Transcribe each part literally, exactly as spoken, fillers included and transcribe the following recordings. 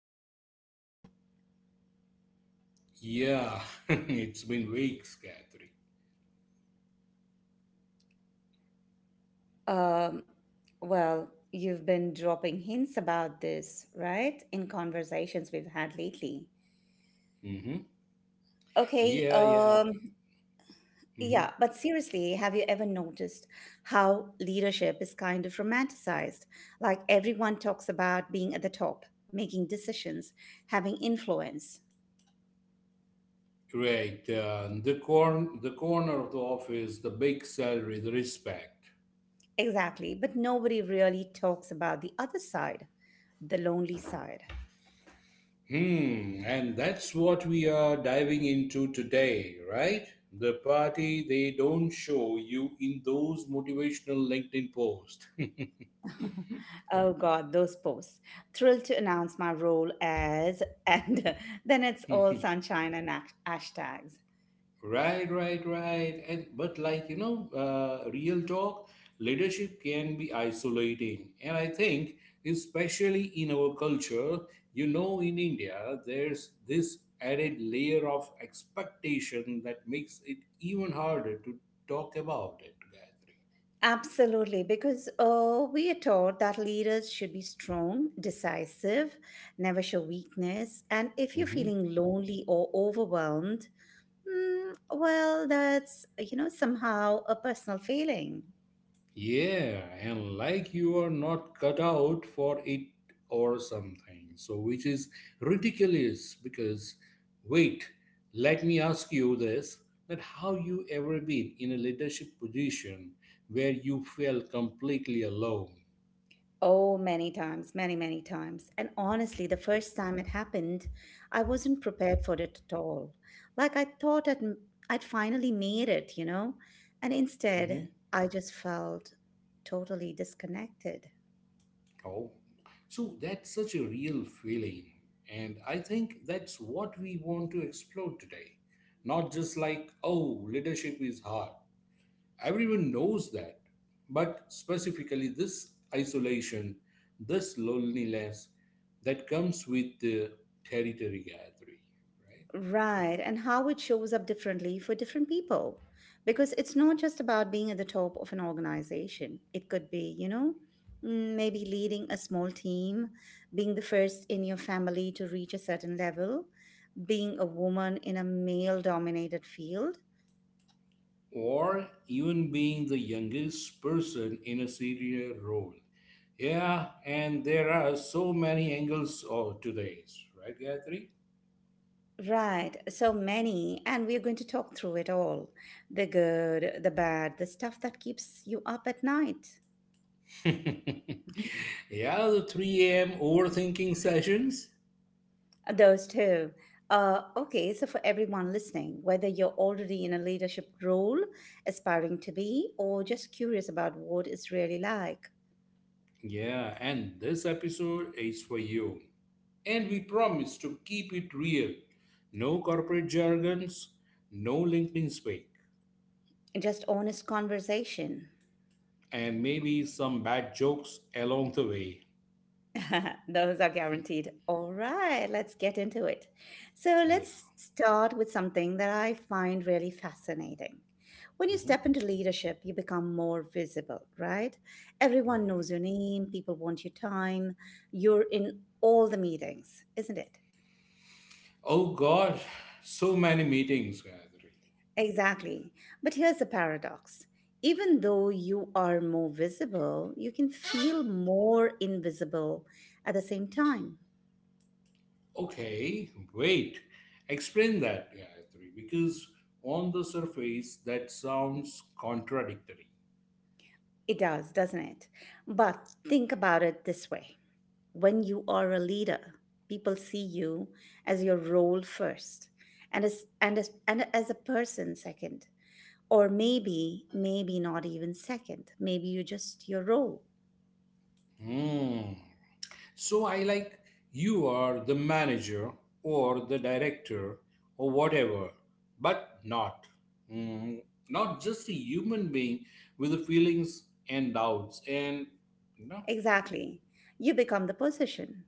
finally doing it. Yeah, it's been weeks, Catherine. Um, well, you've been dropping hints about this, right? In conversations we've had lately. hmm Okay, Yeah, yeah. um, Okay. hmm yeah, but seriously, have you ever noticed how leadership is kind of romanticized? Like everyone talks about being at the top, making decisions, having influence. Right. Uh, the corn, the corner of the office, the big salary, the respect. Exactly, but nobody really talks about the other side, the lonely side. Hmm. And that's what we are diving into today, right? The party they don't show you in those motivational LinkedIn posts. Oh God, those posts. Thrilled to announce my role as, and then it's all sunshine and ash- hashtags. Right, right, right. And but like you know, uh, Real talk, leadership can be isolating, and I think especially in our culture, you know, in India, there's this added layer of expectation that makes it even harder to talk about it. Absolutely, because uh, we are taught that leaders should be strong, decisive, never show weakness. And if you're Gayatri. feeling lonely or overwhelmed, mm, well, that's, you know, somehow a personal failing. Yeah, and like you are not cut out for it or something. So, which is ridiculous because, wait, let me ask you this that how you ever been in a leadership position where you felt completely alone? Oh, many times, many, many times. And honestly, the first time it happened, I wasn't prepared for it at all. Like I thought I'd, I'd finally made it, you know? And hmm instead, I just felt totally disconnected. Oh, so that's such a real feeling. And I think that's what we want to explore today. Not just like, oh, leadership is hard. Everyone knows that. But specifically, this isolation, this loneliness that comes with the territory gathering, right? Right, and how it shows up differently for different people. Because it's not just about being at the top of an organization. It could be, you know, mm, maybe leading a small team, being the first in your family to reach a certain level, being a woman in a male dominated field. Or even being the youngest person in a senior role. Yeah, and there are so many angles of today's, right, Gayatri? Right, so many, and we're going to talk through it all, the good, the bad, the stuff that keeps you up at night. Yeah, the three a m overthinking sessions. Those two. Uh, okay, so for everyone listening, whether you're already in a leadership role, aspiring to be, or just curious about what it's really like, Yeah, and this episode is for you. And we promise to keep it real. No corporate jargons, no LinkedIn speak, just honest conversation. and maybe some bad jokes along the way. Those are guaranteed. All right, let's get into it. So Yeah. let's start with something that I find really fascinating. When you hmm step into leadership, you become more visible, right? Everyone Right. knows your name, people want your time, you're in all the meetings, isn't it? Oh God, so many meetings, Gayatri. Exactly. But here's the paradox. Even though you are more visible, you can feel more invisible at the same time. Okay, wait. Explain that, Gayatri, because on the surface that sounds contradictory. It does, doesn't it? But think about it this way: when you are a leader, people see you as your role first and as, and as, and as a person second. Or maybe, maybe not even second. Maybe you're just your role. Hmm. So I like you are the manager or the director or whatever, but not. Mm, not just a human being with the feelings and doubts and you know. Exactly. You become the position,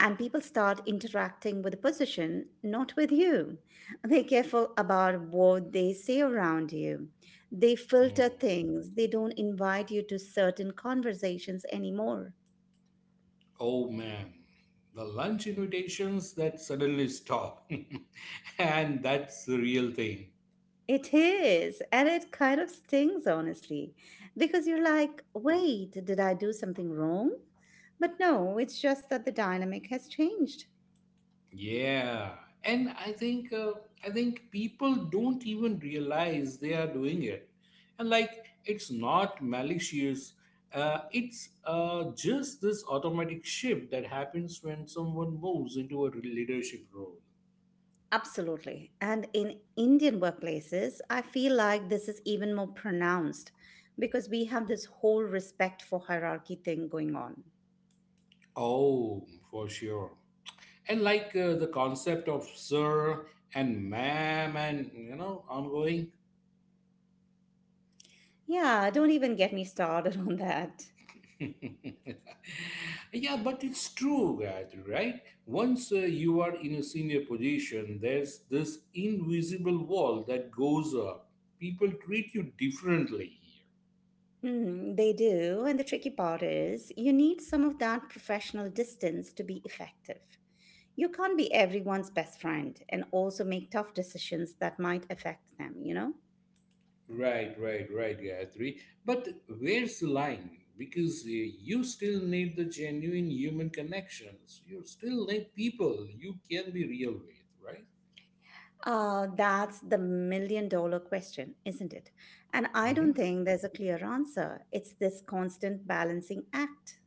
and people start interacting with the position, not with you. They're careful about what they say around you. They filter Mm, things. They don't invite you to certain conversations anymore. oh man, the lunch invitations that suddenly stop. And that's the real thing. It is, and it kind of stings, honestly, because you're like, wait, did I do something wrong? But no, it's just that the dynamic has changed. Yeah, and I think uh, I think people don't even realize they are doing it, and like it's not malicious. Uh, it's uh, just this automatic shift that happens when someone moves into a leadership role. Absolutely. And in Indian workplaces, I feel like this is even more pronounced because we have this whole respect for hierarchy thing going on. Oh, for sure. And like uh, the concept of sir and ma'am and you know ongoing. Yeah, don't even get me started on that. Yeah, but it's true, Gayatri, right? Once uh, you are in a senior position, there's this invisible wall that goes up. People treat you differently here. Mm, they do. And the tricky part is you need some of that professional distance to be effective. You can't be everyone's best friend and also make tough decisions that might affect them, you know? Right, right, right, Gayatri. But where's the line? Because uh, you still need the genuine human connections. You still need people you can be real with, right? Uh, that's the million dollar question, isn't it? And I Mm-hmm. don't think there's a clear answer. It's this constant balancing act.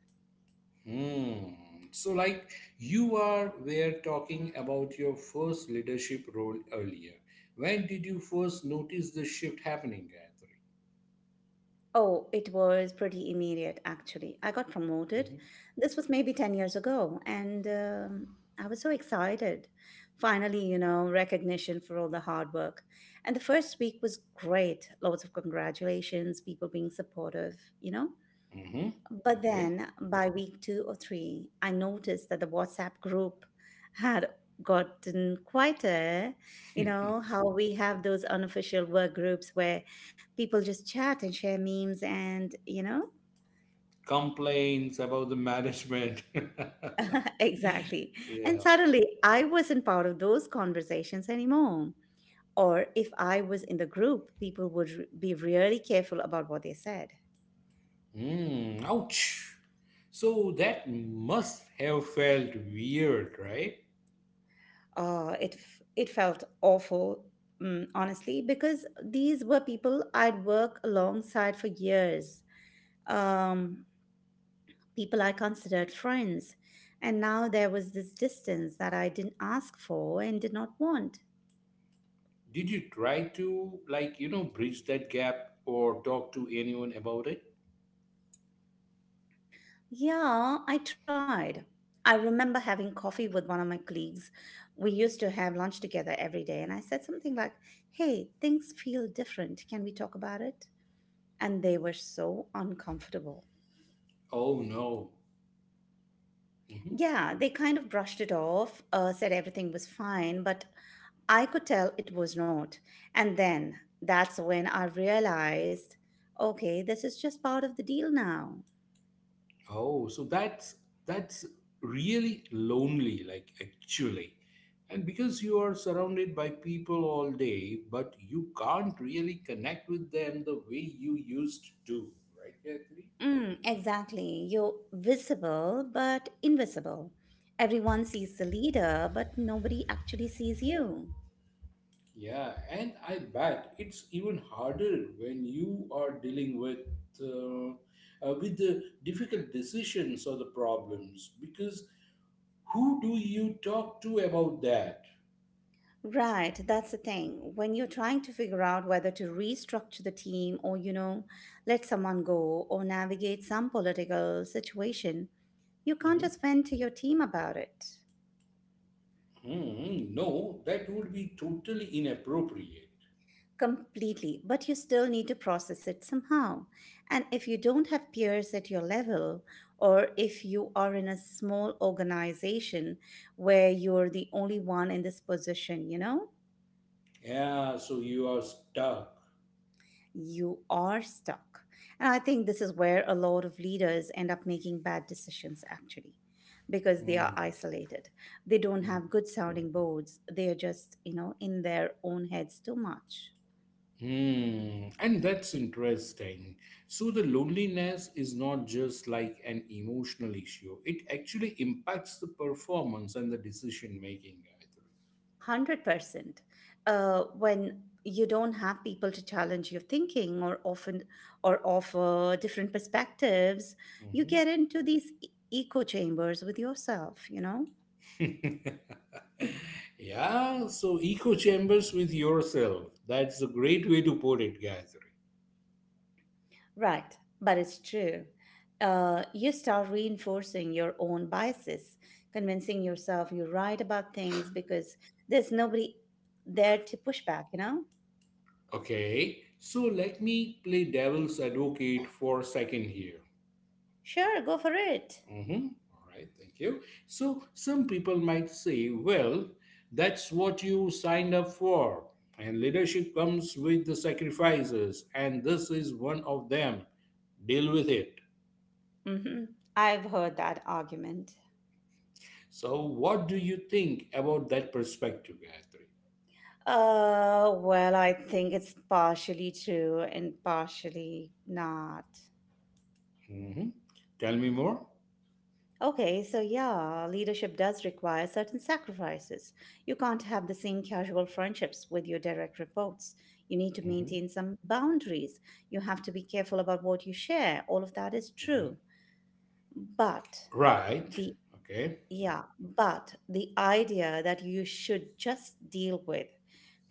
Hmm. So, like you are were talking about your first leadership role earlier. When did you first notice the shift happening, Gayatri? Oh, it was pretty immediate, actually. I got promoted. Mm-hmm. This was maybe ten years ago, and um, I was so excited. Finally, you know, recognition for all the hard work. And the first week was great. Lots of congratulations, people being supportive, you know? Mm-hmm. But Okay. then by week two or three, I noticed that the WhatsApp group had gotten quieter. You know, how we have those unofficial work groups where people just chat and share memes and, you know, Complaints about the management. exactly. And Yeah. suddenly I wasn't part of those conversations anymore. Or if I was in the group, people would re- be really careful about what they said. Hmm. Ouch. So that must have felt weird, right? Uh, it f- it felt awful, mm, honestly, because these were people I'd work alongside for years, um, people I considered friends, and now there was this distance that I didn't ask for and did not want. Did you try to, like, you know, bridge that gap or talk to anyone about it? Yeah, I tried. I remember having coffee with one of my colleagues. We used to have lunch together every day, and I said something like, "Hey, things feel different. Can we talk about it?" And they were so uncomfortable. Oh no. Yeah, they kind of brushed it off, uh, said everything was fine, but I could tell it was not. And then that's when I realized, okay, this is just part of the deal now. Oh, so that's that's really lonely, like actually. And because you are surrounded by people all day, but you can't really connect with them the way you used to, right, Gayatri? Mm, exactly. You're visible, but invisible. Everyone sees the leader, but nobody actually sees you. Yeah, and I bet it's even harder when you are dealing with uh, uh, with the difficult decisions or the problems because who do you talk to about that? Right, that's the thing. When you're trying to figure out whether to restructure the team or, you know, let someone go or navigate some political situation, you can't just vent to your team about it Hmm, no, that would be totally inappropriate. completely, but you still need to process it somehow. And if you don't have peers at your level, or if you are in a small organization where you're the only one in this position, you know, Yeah, so you are stuck. you are stuck. And I think this is where a lot of leaders end up making bad decisions actually because they are Hmm. isolated. They don't Hmm. have good sounding boards. They are just, you know, in their own heads too much. Hmm. And that's interesting. So the loneliness is not just like an emotional issue. It actually impacts the performance and the decision making, I one hundred percent. Uh, when you don't have people to challenge your thinking or often or offer different perspectives, think. you Mhm. get into these e- echo chambers with yourself, you know? Yeah, so echo chambers with yourself. That's a great way to put it, Gayatri. Right, but it's true. Uh, you start reinforcing your own biases, convincing yourself you're right about things because there's nobody there to push back, you know? Okay, so let me play devil's advocate for a second here. Sure, go for it. Mm-hmm. All right, thank you. So some people might say, well, that's what you signed up for. And leadership comes with the sacrifices, and this is one of them. Deal with it. hmm I've heard that argument. So, what do you think about that perspective, Gayatri? Uh, well, I think it's partially true and partially not. Mm-hmm. Tell me more. Okay, so yeah, leadership does require certain sacrifices. You can't have the same casual friendships with your direct reports. You need to Mm-hmm. maintain some boundaries. You have to be careful about what you share. All of that is Mm-hmm. true. But Right. the Okay. Yeah, but the idea that you should just deal with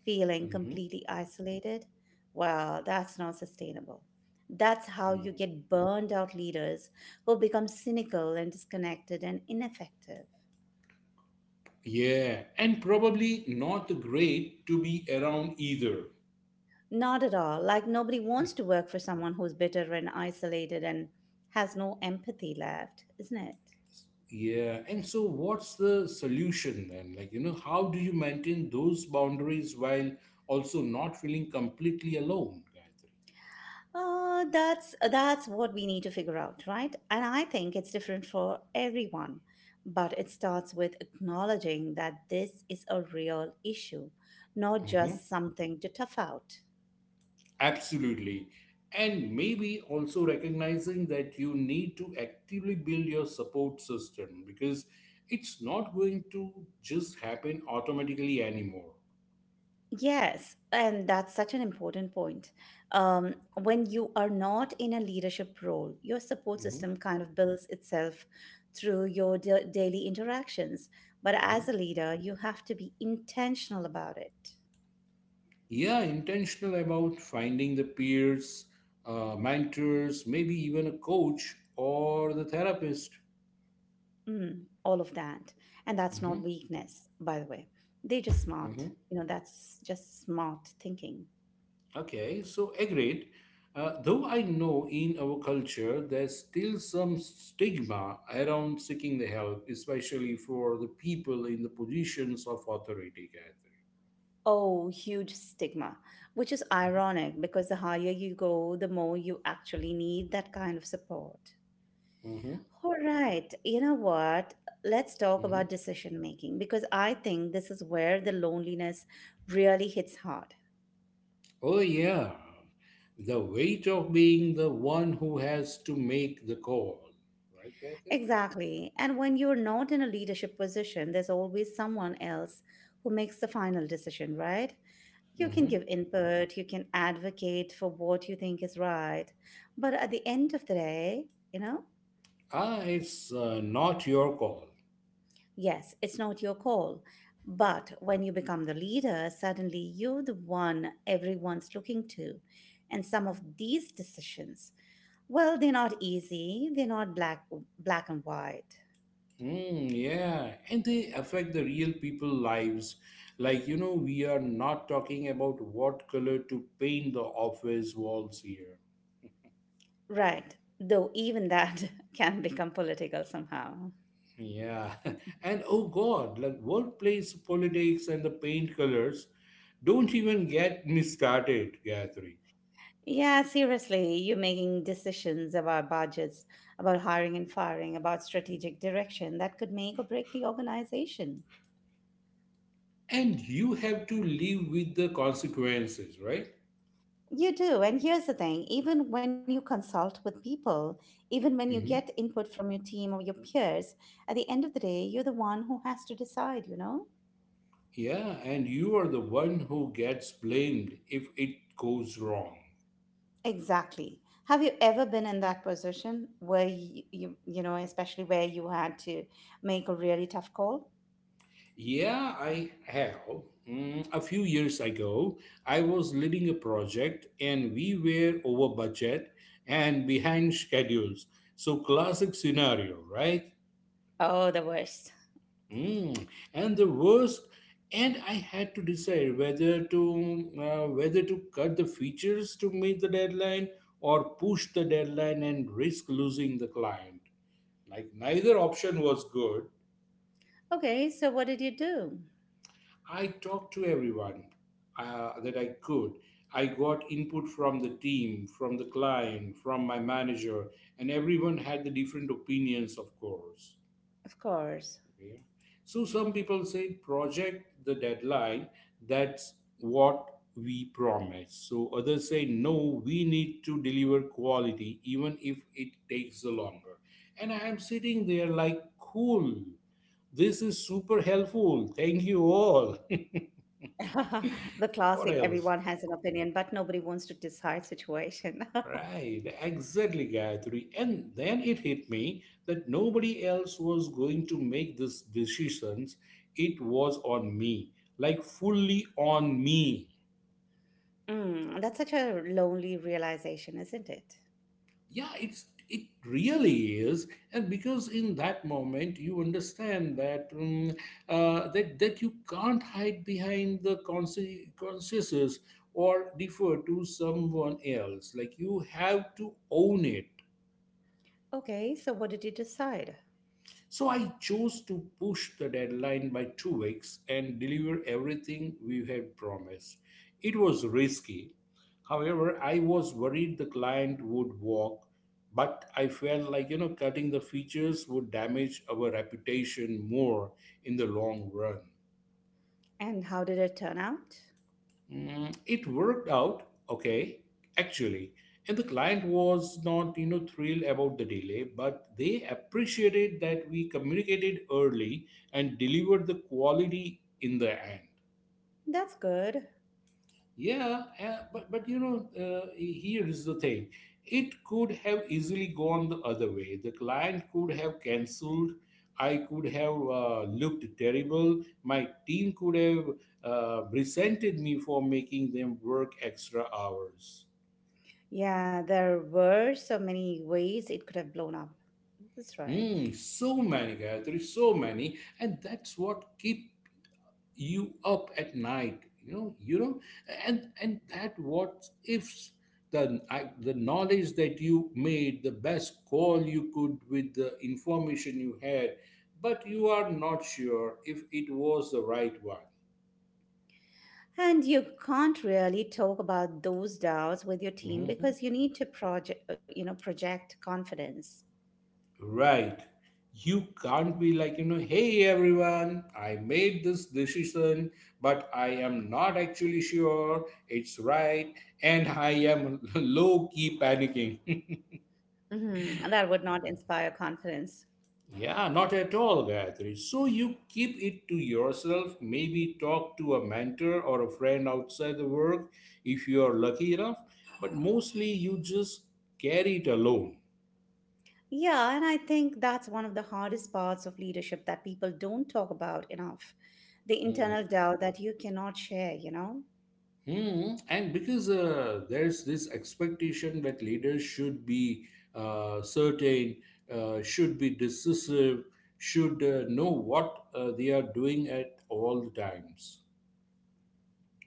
feeling Mm-hmm. completely isolated, well, that's not sustainable. That's how you Mm-hmm. get burned out leaders who become cynical and disconnected and ineffective. Yeah, and probably not great to be around either. Not at all. Like, nobody wants to work for someone who's bitter and isolated and has no empathy left, isn't it? Yeah, and so what's the solution then? Like, you know, how do you maintain those boundaries while also not feeling completely alone, Gayatri? Uh, that's that's what we need to figure out, right? And I think it's different for everyone, but it starts with acknowledging that this is a real issue, not Mhm. just something to tough out. Absolutely. And maybe also recognizing that you need to actively build your support system because it's not going to just happen automatically anymore. Yes, and that's such an important point. Um, when you are not in a leadership role, your support Mhm. system kind of builds itself through your da- daily interactions. But as a leader, you have to be intentional about it. Yeah, intentional about finding the peers, uh, mentors, maybe even a coach or the therapist. Mm, all of that. And that's hmm not weakness, by the way. They just smart. hmm You know, that's just smart thinking. okay, so agreed. Uh, though I know in our culture there's still some stigma around seeking the help, especially for the people in the positions of authority, gathering. Oh, huge stigma, which is ironic because the higher you go, the more you actually need that kind of support. hmm All right, you know what? Let's talk about hmm decision making because I think this is where the loneliness really hits hard. oh yeah, the weight of being the one who has to make the call, right, Catherine? Exactly. And when you're not in a leadership position, there's always someone else who makes the final decision, right? You can Mhm. give input, you can advocate for what you think is right. But at the end of the day, you know, Ah, it's uh, not your call. yes, it's not your call. But when you become the leader, suddenly you're the one everyone's looking to. And some of these decisions, well, they're not easy, they're not black, black and white. Mm, yeah, and they affect the real people lives. Like, you know, we are not talking about what color to paint the office walls here. Right. Though even that can become political somehow. Yeah, and oh God, like workplace politics and the paint colors, don't even get me started, Gathering. Yeah, seriously, you're making decisions about budgets, about hiring and firing, about strategic direction that could make or break the organization. And you have to live with the consequences, right? You do. And here's the thing: even when you consult with people, even when you get Mm-hmm. input from your team or your peers, at the end of the day, you're the one who has to decide, you know? Yeah, and you are the one who gets blamed if it goes wrong. Exactly. Have you ever been in that position where you, you, you know, especially where you had to make a really tough call? Yeah, I have. Mm, a few years ago, I was leading a project and we were over budget and behind schedules. So, classic scenario, right? Oh, the worst. Mm, and the worst, and I had to decide whether to uh, whether to cut the features to meet the deadline or push the deadline and risk losing the client. Like neither option was good. Okay, so what did you do? I talked to everyone uh, that I could. I got input from the team, from the client, from my manager, and everyone had the different opinions, of course. Of course. Okay, so some people say project the deadline, that's what we promise. So others say no, we need to deliver quality even if it takes the longer. And I am sitting there like, cool, this is super helpful. Thank you all. The What classic else? everyone has an opinion, but nobody wants to decide situation. Right, exactly, Gayatri. And then it hit me that nobody else was going to make these decisions. It was on me, like fully on me. Mm, that's such a lonely realization, isn't it? yeah it's it really is. And because in that moment you understand that um, uh, that that you can't hide behind the conse- consciences or defer to someone else. Like you have to own it. Okay, so what did you decide? So I chose to push the deadline by two weeks and deliver everything we had promised. It was risky. However, I was worried the client would walk, but I felt like, you know, cutting the features would damage our reputation more in the long run. And how did it turn out? Mm, it worked out okay, actually. And the client was not, you know, thrilled about the delay, but they appreciated that we communicated early and delivered the quality in the end. That's good. Yeah, uh, but but you know, uh, here is the thing. It could have easily gone the other way. The client could have cancelled. I could have uh, looked terrible. My team could have uh, resented me for making them work extra hours. Yeah, there were so many ways it could have blown up. That's right. Hmm, so many, Gayatri, so many, and that's what keep you up at night, you know, you know, and and that what ifs, the I, the knowledge that you made the best call you could with the information you had, but you are not sure if it was the right one. And you can't really talk about those doubts with your team Mhm. because you need to project, you know, project confidence. Right, you can't be like, you know, hey everyone, I made this decision but I am not actually sure it's right and I am low key panicking. Mhm. That would not inspire confidence. Yeah, not at all, Gayatri. So you keep it to yourself, maybe talk to a mentor or a friend outside the work if you are lucky enough, but mostly you just carry it alone. Yeah, and I think that's one of the hardest parts of leadership that people don't talk about enough, the Mm. internal doubt that you cannot share, you know, Hmm. And because uh, there's this expectation that leaders should be uh, certain, uh, should be decisive, should uh, know what uh, they are doing at all times.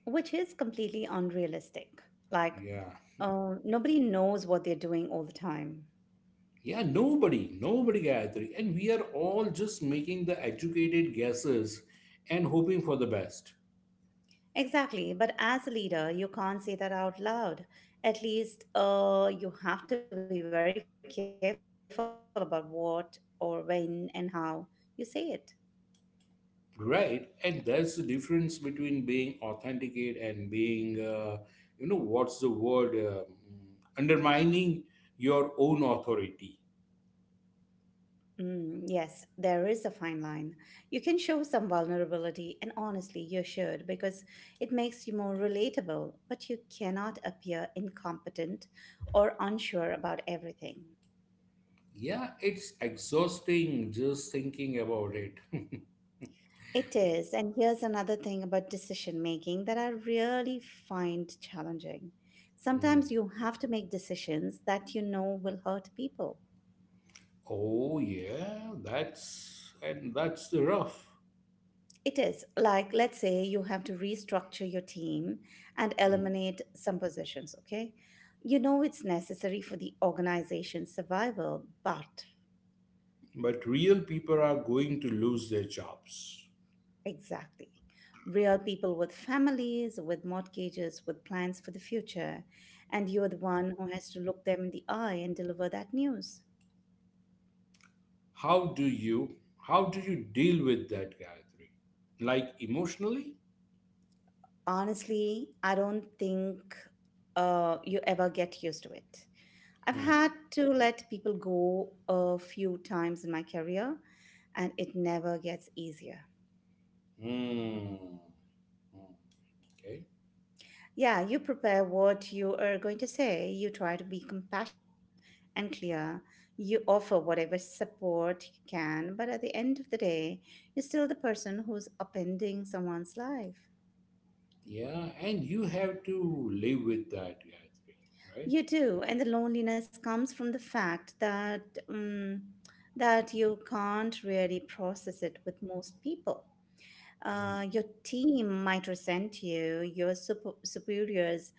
which is completely unrealistic. Like, Yeah. uh, nobody knows what they're doing all the time. Yeah, nobody, nobody, Gayatri. And we are all just making the educated guesses and hoping for the best, Exactly, but as a leader, you can't say that out loud. At least uh, you have to be very careful about what or when and how you say it. right? And that's the difference between being authenticate and being, uh, you know, what's the word, um, undermining your own authority. Mm, yes, there is a fine line. You can show some vulnerability, and honestly, you should because it makes you more relatable, but you cannot appear incompetent or unsure about everything. Yeah, it's exhausting just thinking about it. It is. And here's another thing about decision making that I really find challenging. Mm. Sometimes you have to make decisions that you know will hurt people. Oh, yeah, that's, and that's the rough. It is. Like, let's say you have to restructure your team and Mm. eliminate some positions, okay? You know it's necessary for the organization's survival, but. But real people are going to lose their jobs. Exactly. Real people with families, with mortgages, with plans for the future. And you're the one who has to look them in the eye and deliver that news. How do you, how do you deal with that, gathering, like emotionally? Honestly, I don't think uh, you ever get used to it. I've had Hmm. to let people go a few times in my career, and it never gets easier. Hmm. Hmm. Okay. Yeah, you prepare what you are going to say. You try to be compassionate and clear. You offer whatever support you can, but at the end of the day, you're still the person who's upending someone's life. Yeah, and you have to live with that, gathering, right? You do, and the loneliness comes from the fact that um, that you can't really process it with most people. Hmm. Uh, your team might resent you. Your super- superiors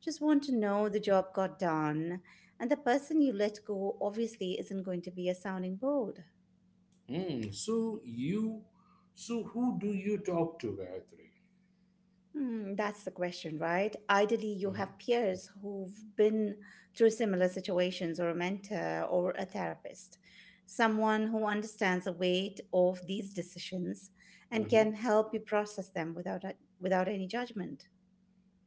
just want to know the job got done, and the person you let go obviously isn't going to be a sounding board. Hmm. so you so who do you talk to, gathering? Hmm, that's the question, right? Ideally, you Hmm. have peers who've been through similar situations, or a mentor, or a therapist, someone who understands the weight of these decisions and Mhm. can help you process them without a- without any judgment.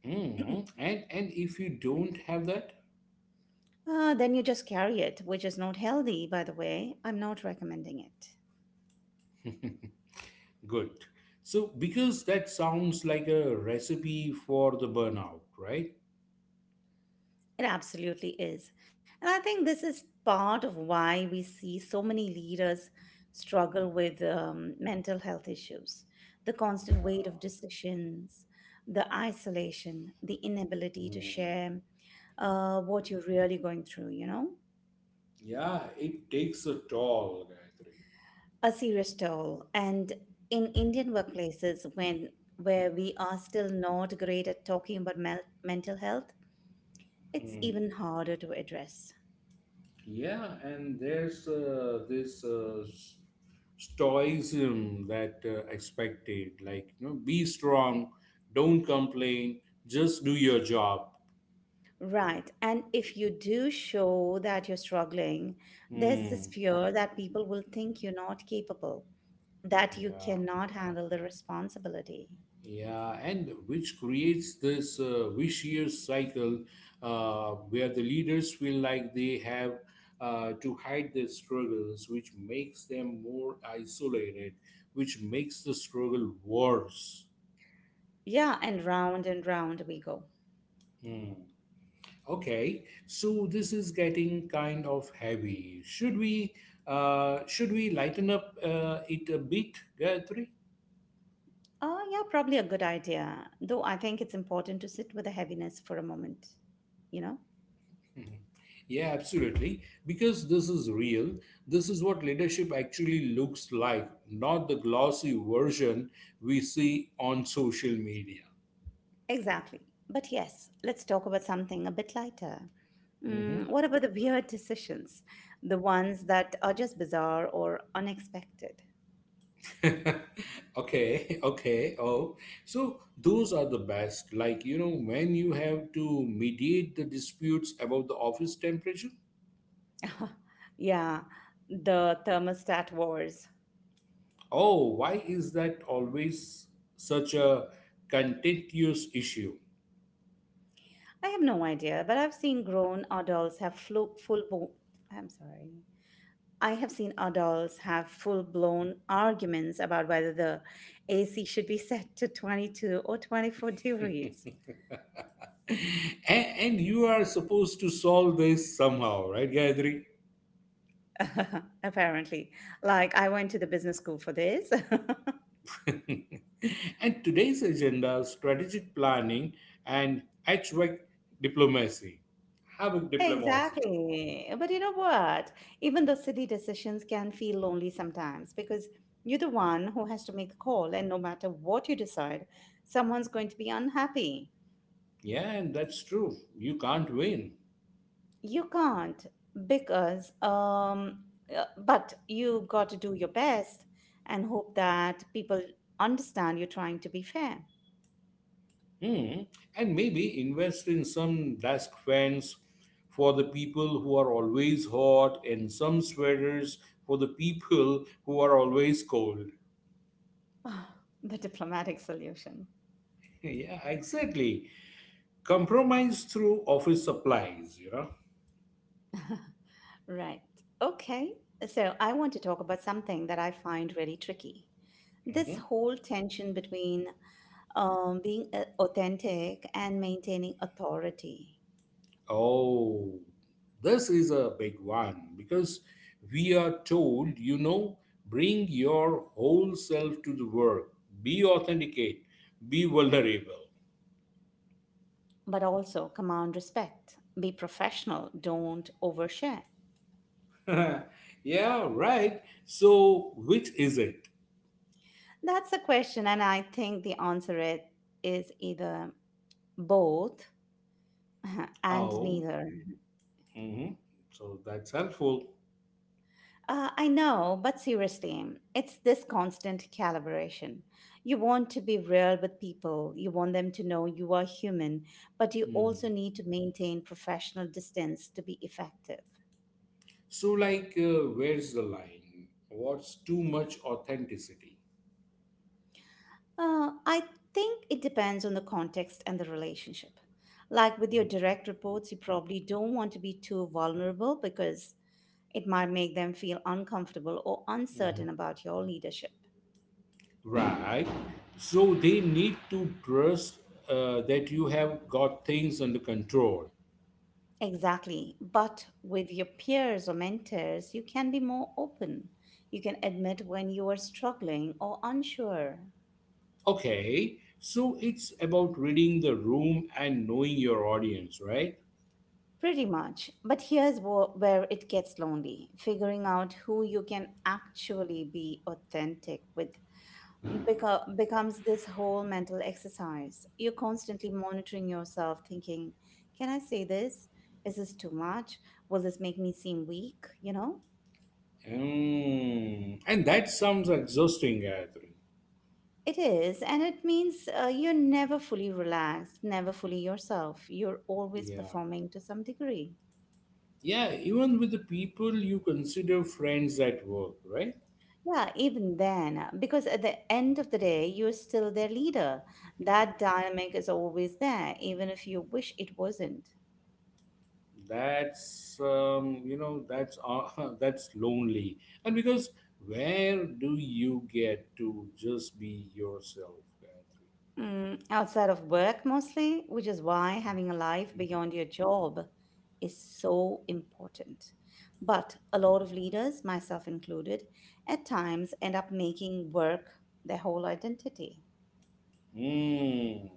Mhm. And and if you don't have that, Uh, then you just carry it, which is not healthy, by the way. I'm not recommending it. good. So because that sounds like a recipe for the burnout, right? It absolutely is. And I think this is part of why we see so many leaders struggle with um, mental health issues, the Yeah. constant weight of decisions, the isolation, the inability to Hmm. share uh, what you're really going through, you know, Yeah, it takes a toll, Gayatri. a serious toll. And in Indian workplaces, when where we are still not great at talking about mel- mental health, it's Mm. even harder to address. Yeah, and there's uh, this uh, s- stoicism that uh, expected, like you know, be strong, don't complain, just do your job. Right. And if you do show that you're struggling, there's this Mm. fear that people will think you're not capable, that you Yeah. cannot handle the responsibility. Yeah, and which creates this uh, vicious cycle uh, where the leaders feel like they have uh, to hide their struggles, which makes them more isolated, which makes the struggle worse. Yeah, and round and round we go. Hmm. Okay, so this is getting kind of heavy. Should we uh, should we lighten up uh, it a bit, Gayatri? Oh, yeah, probably a good idea. Though I think it's important to sit with the heaviness for a moment, you know? Yeah, absolutely. Because this is real. This is what leadership actually looks like, not the glossy version we see on social media. Exactly. But yes, let's talk about something a bit lighter. Mhm. Mm, what about the weird decisions? The ones that are just bizarre or unexpected? Okay, okay. Oh, so those are the best. Like, you know, when you have to mediate the disputes about the office temperature. Yeah, the thermostat wars. Oh, why is that always such a contentious issue? I have no idea, but I've seen grown adults have flu- full blown. I'm sorry. I have seen adults have full blown arguments about whether the A C should be set to twenty-two or twenty-four degrees. and, and you are supposed to solve this somehow, right, Gayatri? Apparently, like I went to the business school for this. And today's agenda, strategic planning and H V A C diplomacy. Havoc diplomacy. Exactly. But you know what? Even the silly decisions can feel lonely sometimes because you're the one who has to make the call, and no matter what you decide, someone's going to be unhappy. Yeah, and that's true. You can't win. You can't because, um, uh, but you got to do your best and hope that people understand you're trying to be fair. Hmm. And maybe invest in some desk fans for the people who are always hot and some sweaters for the people who are always cold. Ah, the diplomatic solution. Yeah, exactly. Compromise through office supplies, you know. Right. Okay. So I want to talk about something that I find really tricky. This Mm-hmm. whole tension between um, being uh, authentic and maintaining authority, Oh, this is a big one because we are told, you know, bring your whole self to the work, be authenticate, be vulnerable. but also command respect, be professional, don't overshare. Yeah, right. So, which is it? That's a question, and I think the answer it is either both and Oh, neither. mhm. So that's helpful. Uh, I know, but seriously, it's this constant calibration. You want to be real with people, you want them to know you are human, but you Mm. also need to maintain professional distance to be effective. So, like, uh, where's the line? What's too much authenticity? Uh, I think it depends on the context and the relationship. Like with your direct reports, you probably don't want to be too vulnerable because it might make them feel uncomfortable or Mhm. uncertain about your leadership. Right. So they need to trust uh, that you have got things under control. Exactly. But with your peers or mentors, you can be more open. You can admit when you are struggling or unsure. Okay. So it's about reading the room and knowing your audience, right? Pretty much. But here's wh- where it gets lonely figuring out who you can actually be authentic with beco- becomes this whole mental exercise. You're constantly monitoring yourself, thinking, can I say this? Is this too much? Will this make me seem weak? You know? Mm. And that sounds exhausting, Gayatri. It is, and it means uh, you're never fully relaxed, never fully yourself. You're always Yeah. performing to some degree. Yeah. Even with the people you consider friends at work, right? Yeah, even then, uh, because at the end of the day, you're still their leader. That dynamic is always there, even if you wish it wasn't. that's um, you know that's uh, that's lonely and because where do you get to just be yourself, Gayatri? Mm, outside of work mostly, which is why having a life beyond your job is so important. But a lot of leaders, myself included, at times end up making work their whole identity. Hmm.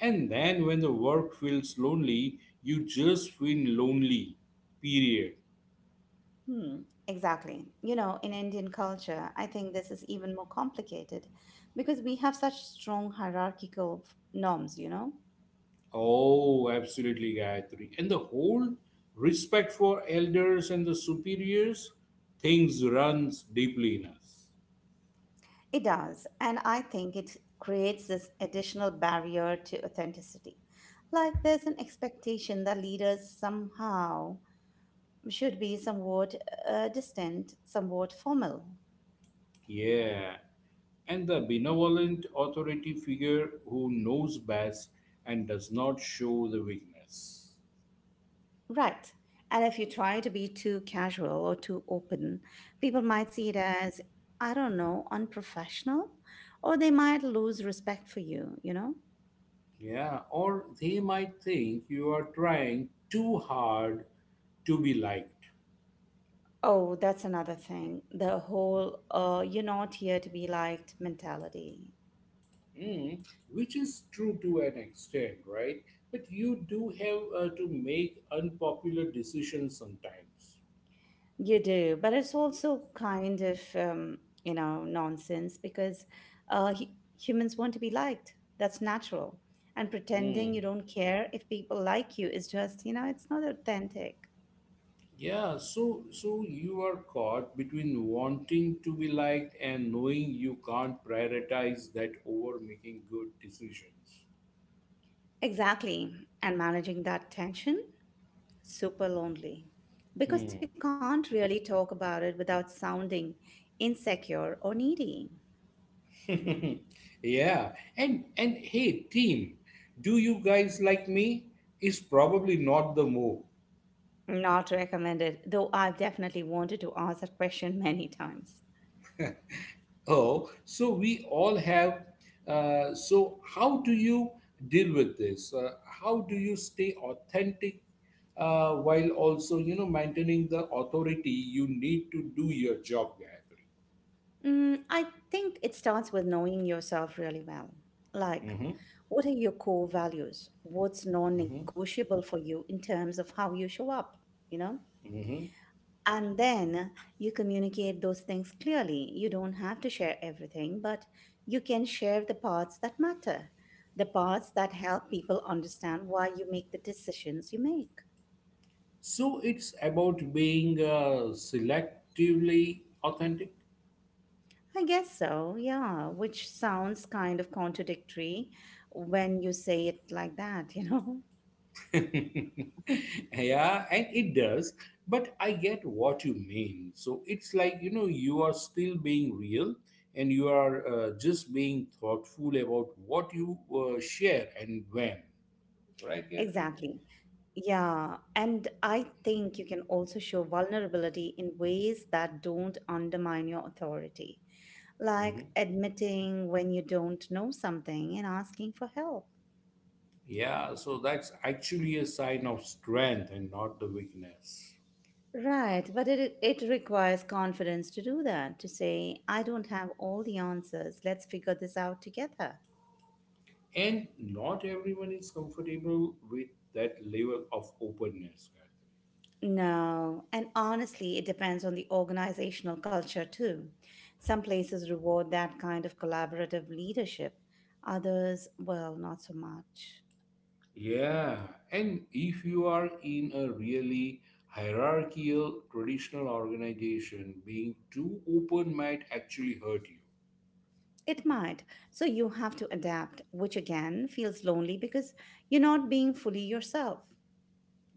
And then when the work feels lonely you just feel lonely, period. Hmm, exactly. You know, in Indian culture, I think this is even more complicated because we have such strong hierarchical f- norms, you know? Oh, absolutely, Gayatri, and the whole respect for elders and the superiors things runs deeply in us. It does, and I think it creates this additional barrier to authenticity. Like there's an expectation that leaders somehow should be somewhat uh, distant, somewhat formal. Yeah, and the benevolent authority figure who knows best and does not show the weakness. Right. And if you try to be too casual or too open, people might see it as, I don't know, unprofessional, or they might lose respect for you, you know? Yeah, or they might think you are trying too hard to be liked. Oh, that's another thing. The whole, uh, you're not here to be liked mentality. Mm, which is true to an extent, right? But you do have uh, to make unpopular decisions sometimes. You do, but it's also kind of um, you know nonsense because uh, hu- humans want to be liked. That's natural, and pretending Mm. you don't care if people like you is just you know it's not authentic. Yeah, so so you are caught between wanting to be liked and knowing you can't prioritize that over making good decisions. Exactly, and managing that tension super lonely because you Hmm. can't really talk about it without sounding insecure or needy. Yeah, and and hey, team, do you guys like me? Is probably not the move. Not recommended, though I've definitely wanted to ask that question many times. Oh, so we all have. Uh, so, how do you deal with this? Uh, how do you stay authentic uh, while also, you know, maintaining the authority you need to do your job, Gayatri? Mm, I think it starts with knowing yourself really well. Like, Mm-hmm. what are your core values? What's Mm-hmm. non-negotiable for you in terms of how you show up, you know? Mm-hmm. And then you communicate those things clearly. You don't have to share everything, but you can share the parts that matter, the parts that help people understand why you make the decisions you make. So, it's about being uh, selectively authentic. I guess so, yeah, which sounds kind of contradictory when you say it like that, you know? Yeah, and it does, but I get what you mean. So it's like, you know, you are still being real and you are uh, just being thoughtful about what you uh, share and when. Right, Gayatri? Exactly. Yeah. And I think you can also show vulnerability in ways that don't undermine your authority, like Mhm. admitting when you don't know something and asking for help. Yeah, so that's actually a sign of strength and not the weakness. Right. But it, it requires confidence to do that, to say, I don't have all the answers. Let's figure this out together. And not everyone is comfortable with that level of openness, Gayatri. No, and honestly, it depends on the organizational culture too. Some places reward that kind of collaborative leadership, others, well, not so much. Yeah, and if you are in a really hierarchical traditional organization, being too open might actually hurt you. It might. So you have to adapt, which again feels lonely because you're not being fully yourself.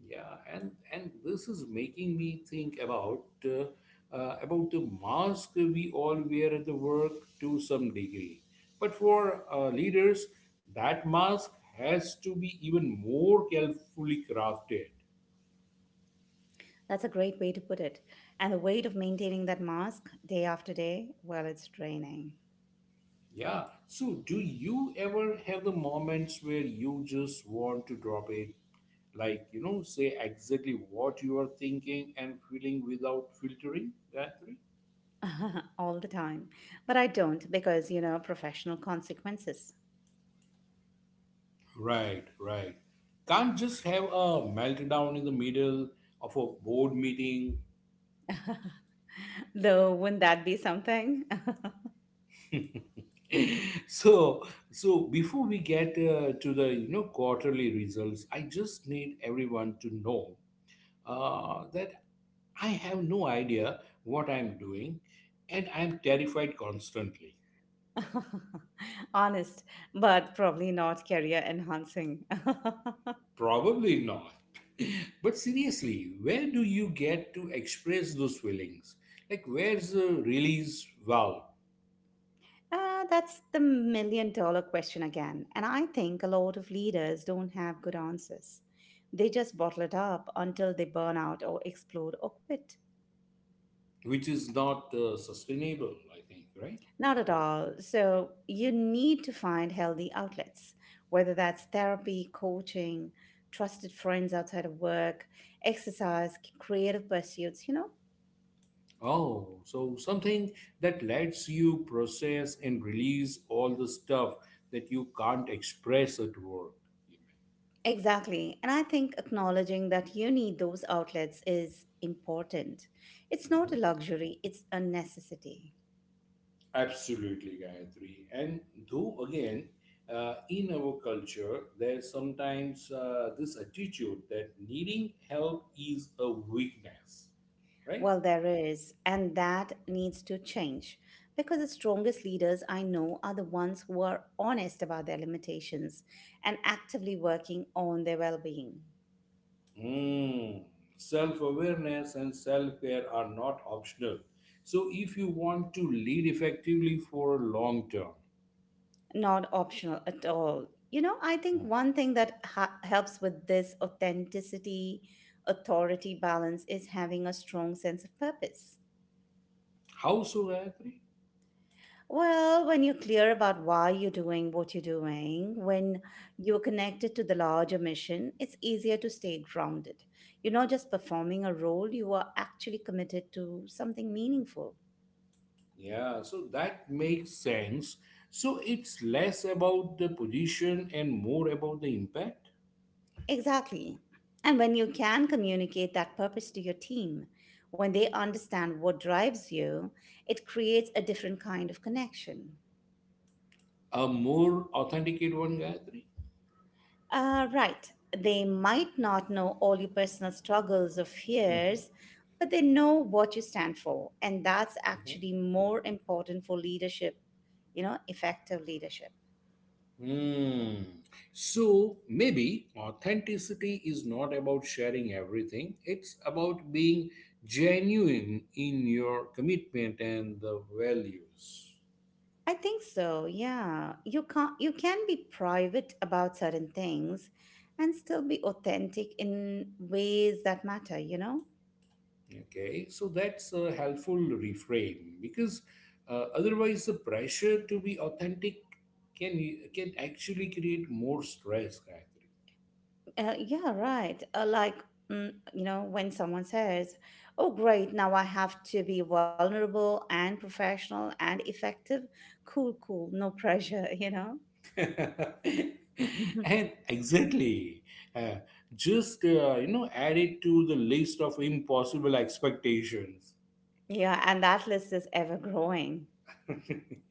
Yeah, and and this is making me think about uh, uh, about the mask we all wear at the work to some degree. But for uh, leaders, that mask has to be even more carefully crafted. That's a great way to put it. And the weight of maintaining that mask day after day, well, it's draining. Yeah. So, do you ever have the moments where you just want to drop it? Like, you know, say exactly what you are thinking and feeling without filtering that. All the time. But I don't because, you know, professional consequences. Right, right. Can't just have a meltdown in the middle of a board meeting. Though, wouldn't that be something? So, so before we get uh, to the, you know, quarterly results, I just need everyone to know uh, that I have no idea what I'm doing and I'm terrified constantly. Honest, but probably not career enhancing. Probably not. But seriously, where do you get to express those feelings? Like, where's the release valve? Uh, that's the million dollar question again. And I think a lot of leaders don't have good answers. They just bottle it up until they burn out or explode or quit. Which is not uh, sustainable, I think, right? Not at all. So you need to find healthy outlets, whether that's therapy, coaching, trusted friends outside of work, exercise, creative pursuits, you know Oh, so something that lets you process and release all the stuff that you can't express at work. Exactly. And I think acknowledging that you need those outlets is important. It's not a Mhm. luxury, it's a necessity. Absolutely, Gayatri. And though, again, uh, in our culture, there's sometimes uh, this attitude that needing help is a weakness, right? Well, there is, and that needs to change because the strongest leaders I know are the ones who are honest about their limitations and actively working on their well being. Mm. Self awareness and self care are not optional. So, if you want to lead effectively for long term. Not optional at all. You know, I think Mm. one thing that ha- helps with this authenticity, authority balance is having a strong sense of purpose. How so, Gayatri? Well, when you're clear about why you're doing what you're doing, when you're connected to the larger mission, it's easier to stay grounded. You're not just performing a role, you are actually committed to something meaningful. Yeah, so that makes sense. So, it's less about the position and more about the impact. Exactly. And when you can communicate that purpose to your team, when they understand what drives you, it creates a different kind of connection. A more authenticate one, Gayatri? Uh, right. They might not know all your personal struggles or Mhm, fears, but they know what you stand for. And that's mhm. actually more important for leadership, you know, effective leadership. Hmm. So maybe authenticity is not about sharing everything. It's about being genuine in your commitment and the values. I think so. Yeah. You can you can be private about certain things and still be authentic in ways that matter, you know? Okay, so that's a helpful reframe because uh, otherwise the pressure to be authentic can can actually create more stress, Gayatri. Uh, yeah, right. Uh, like, mm, you know, when someone says, oh, great, now I have to be vulnerable and professional and effective. Cool, cool, no pressure, you know? Mhm. And exactly uh, just, uh, you know, add it to the list of impossible expectations. Yeah, and that list is ever growing.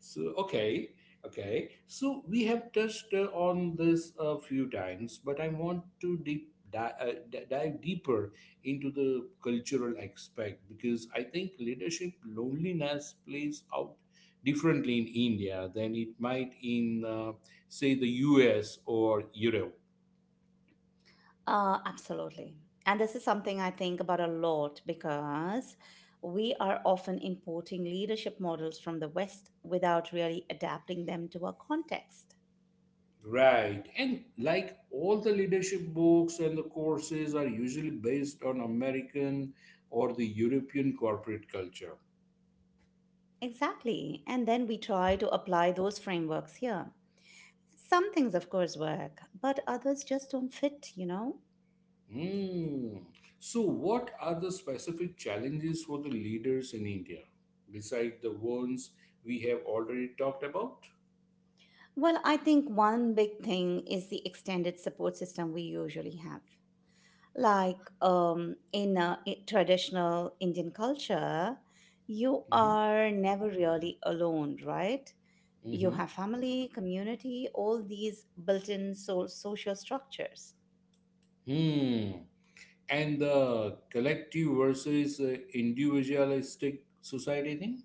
so okay okay so we have touched uh, on this a few times, but I want to deep di- uh, di- dive deeper into the cultural aspect because I think leadership loneliness plays out differently in India than it might in, uh, say, the US or Europe. Uh, absolutely. And this is something I think about a lot because we are often importing leadership models from the West without really adapting them to our context. Right. And like all the leadership books and the courses are usually based on American or the European corporate culture. Exactly. And then we try to apply those frameworks here. Some things, of course, work, but others just don't fit, you know? Hmm. So, what are the specific challenges for the leaders in India besides the ones we have already talked about? Well, I think one big thing is the extended support system we usually have. Like um, in uh, i- traditional Indian culture, you Hmm. are never really alone, right? You Hmm. have family, community, all these built in so- social structures. Hmm. And the collective versus uh, individualistic society thing?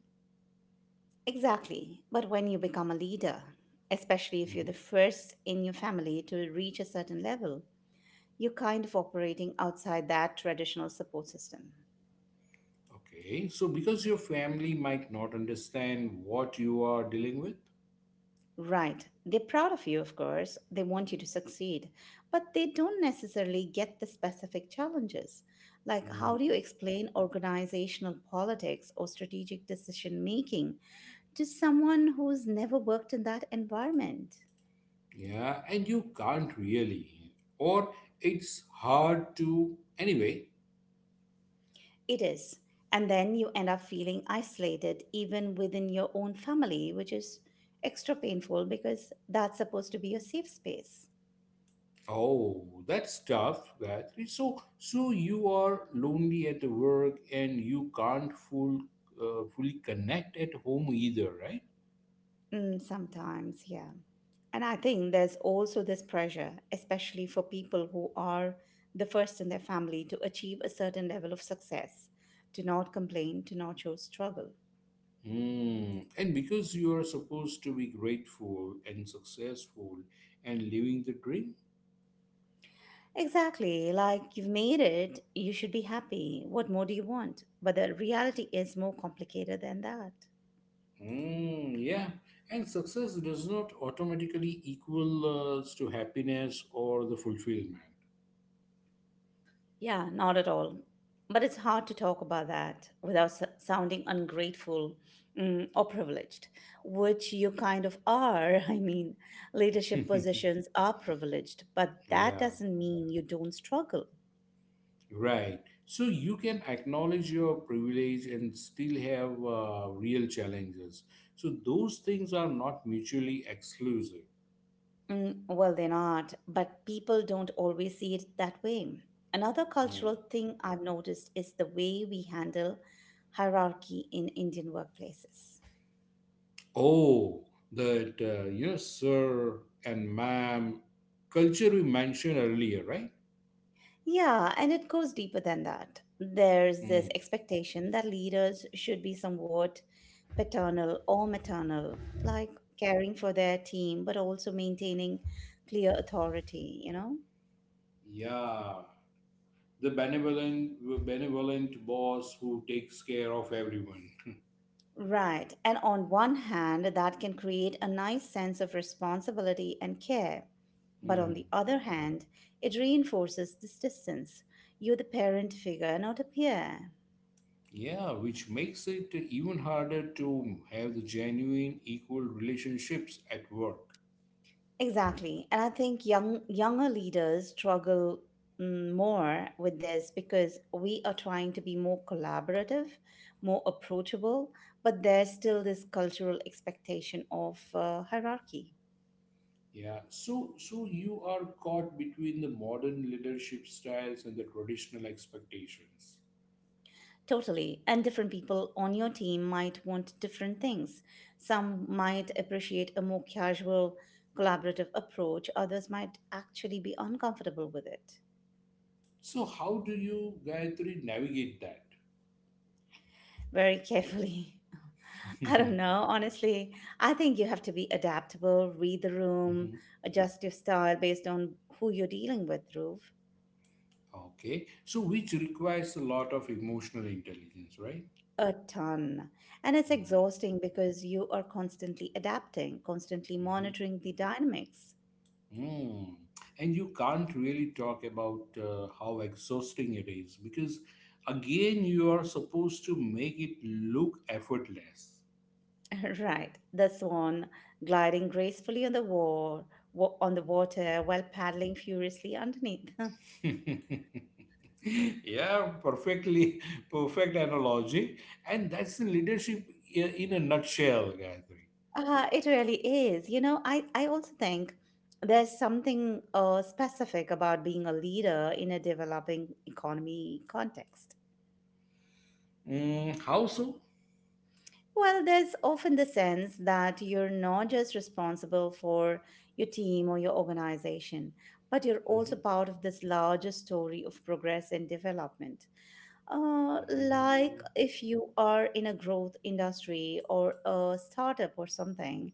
Exactly. But when you become a leader, especially if you're Mm-hmm. the first in your family to reach a certain level, you're kind of operating outside that traditional support system. Okay, so because your family might not understand what you are dealing with. Right. They're proud of you, of course. They want you to succeed, but they don't necessarily get the specific challenges. Like, Hmm. how do you explain organizational politics or strategic decision making to someone who's never worked in that environment? Yeah, and you can't really, or it's hard to anyway. It is. And then you end up feeling isolated even within your own family, which is extra painful because that's supposed to be your safe space. Oh, that's tough, Gayatri. So, so you are lonely at the work, and you can't full, uh, fully connect at home either, right? Mm, sometimes, yeah. And I think there's also this pressure, especially for people who are the first in their family to achieve a certain level of success, to not complain, to not show struggle. Hmm. And because you are supposed to be grateful and successful and living the dream. Exactly, like you've made it, you should be happy. What more do you want? But the reality is more complicated than that. Mm, yeah, and success does not automatically equal uh, to happiness or the fulfillment. Yeah, not at all. But it's hard to talk about that without s- sounding ungrateful mm, or privileged, which you kind of are. I mean, leadership positions are privileged, but that Yeah, doesn't mean you don't struggle. right. So you can acknowledge your privilege and still have uh, real challenges. So those things are not mutually exclusive. Mm, well, they're not, but people don't always see it that way. Another Mm. cultural thing I've noticed is the way we handle hierarchy in Indian workplaces. Oh, that uh, yes, sir and ma'am culture we mentioned earlier, right? Yeah, and it goes deeper than that. There's this Mm. expectation that leaders should be somewhat paternal or maternal, like caring for their team, but also maintaining clear authority, you know? Yeah, the benevolent, benevolent boss who takes care of everyone. Right. And on one hand, that can create a nice sense of responsibility and care. But on Hmm. the other hand, it reinforces this distance. You're the parent figure, not a peer. Yeah, which makes it even harder to have the genuine equal relationships at work. Exactly. And I think young younger leaders struggle mm, more with this because we are trying to be more collaborative, more approachable, but there's still this cultural expectation of uh, hierarchy. Yeah, so so you are caught between the modern leadership styles and the traditional expectations. Totally. And different people on your team might want different things. Some might appreciate a more casual, collaborative approach, others might actually be uncomfortable with it. So how do you, Gayatri, navigate that? Very carefully. I Hmm. don't know. Honestly, I think you have to be adaptable, read the room, adjust your style based on who you're dealing with, Dhruv. Okay, so which requires a lot of emotional intelligence, right? A ton. And it's Mm-hmm. exhausting because you are constantly adapting, constantly monitoring the dynamics. Mm. And you can't really talk about uh, how exhausting it is because, again, you are supposed to make it look effortless. Right. The swan gliding gracefully on the war, wa- on the water while paddling furiously underneath. Yeah, perfectly, perfect analogy. And that's the leadership i- in a nutshell, Gayatri. Uh, it really is. You know, I, I also think there's something uh, specific about being a leader in a developing economy context. Mm, how so? Well, there's often the sense that you're not just responsible for your team or your organization, but you're also Mhm. part of this larger story of progress and development. Uh, like Mm. if you are in a growth industry or a startup or something,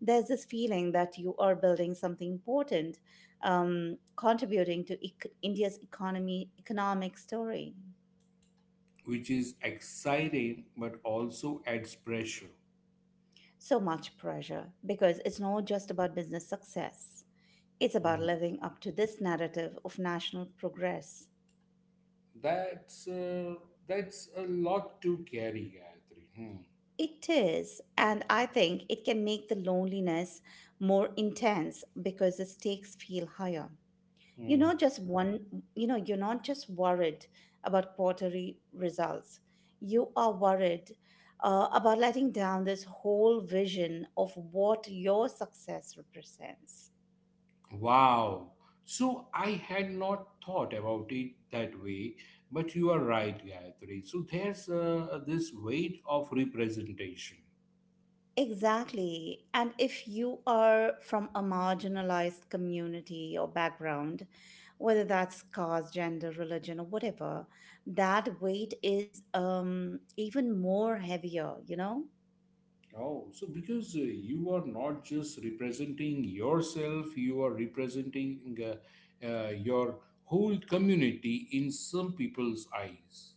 there's this feeling that you are building something important, um, contributing to ec- India's economy, economic story. Which is exciting but also adds pressure. So much pressure because it's not just about business success. It's about Hmm. living up to this narrative of national progress. That's uh, that's a lot to carry, Gayatri. Hmm. It is, and I think it can make the loneliness more intense because the stakes feel higher. You're Hmm. Not just one, you know, you're not just worried about quarterly results. You are worried uh, about letting down this whole vision of what your success represents. Wow. So I had not thought about it that way, but you are right, Gayatri. So there's uh, this weight of representation. Exactly. And if you are from a marginalized community or background, whether that's caste, gender, religion, or whatever, that weight is um, even more heavier, you know? Oh, so because uh, you are not just representing yourself, you are representing, uh, uh, your whole community in some people's eyes.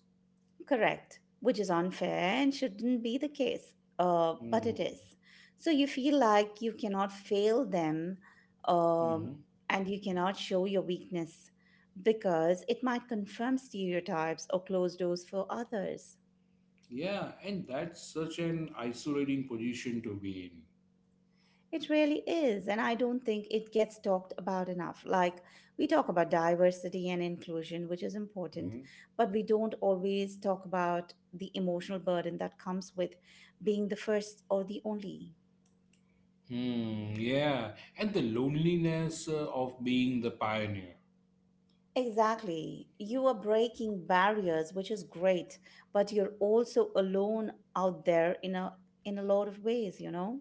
Correct, which is unfair and shouldn't be the case, uh, but it Hmm. is. So you feel like you cannot fail them um, and you cannot show your weakness because it might confirm stereotypes or close doors for others. Yeah, and that's such an isolating position to be in. It really is, and I don't think it gets talked about enough. Like, we talk about diversity and inclusion, which is important, Mhm. but we don't always talk about the emotional burden that comes with being the first or the only. Hmm, yeah, and the loneliness uh, of being the pioneer. Exactly. You are breaking barriers, which is great, but you're also alone out there in a in a lot of ways, you know?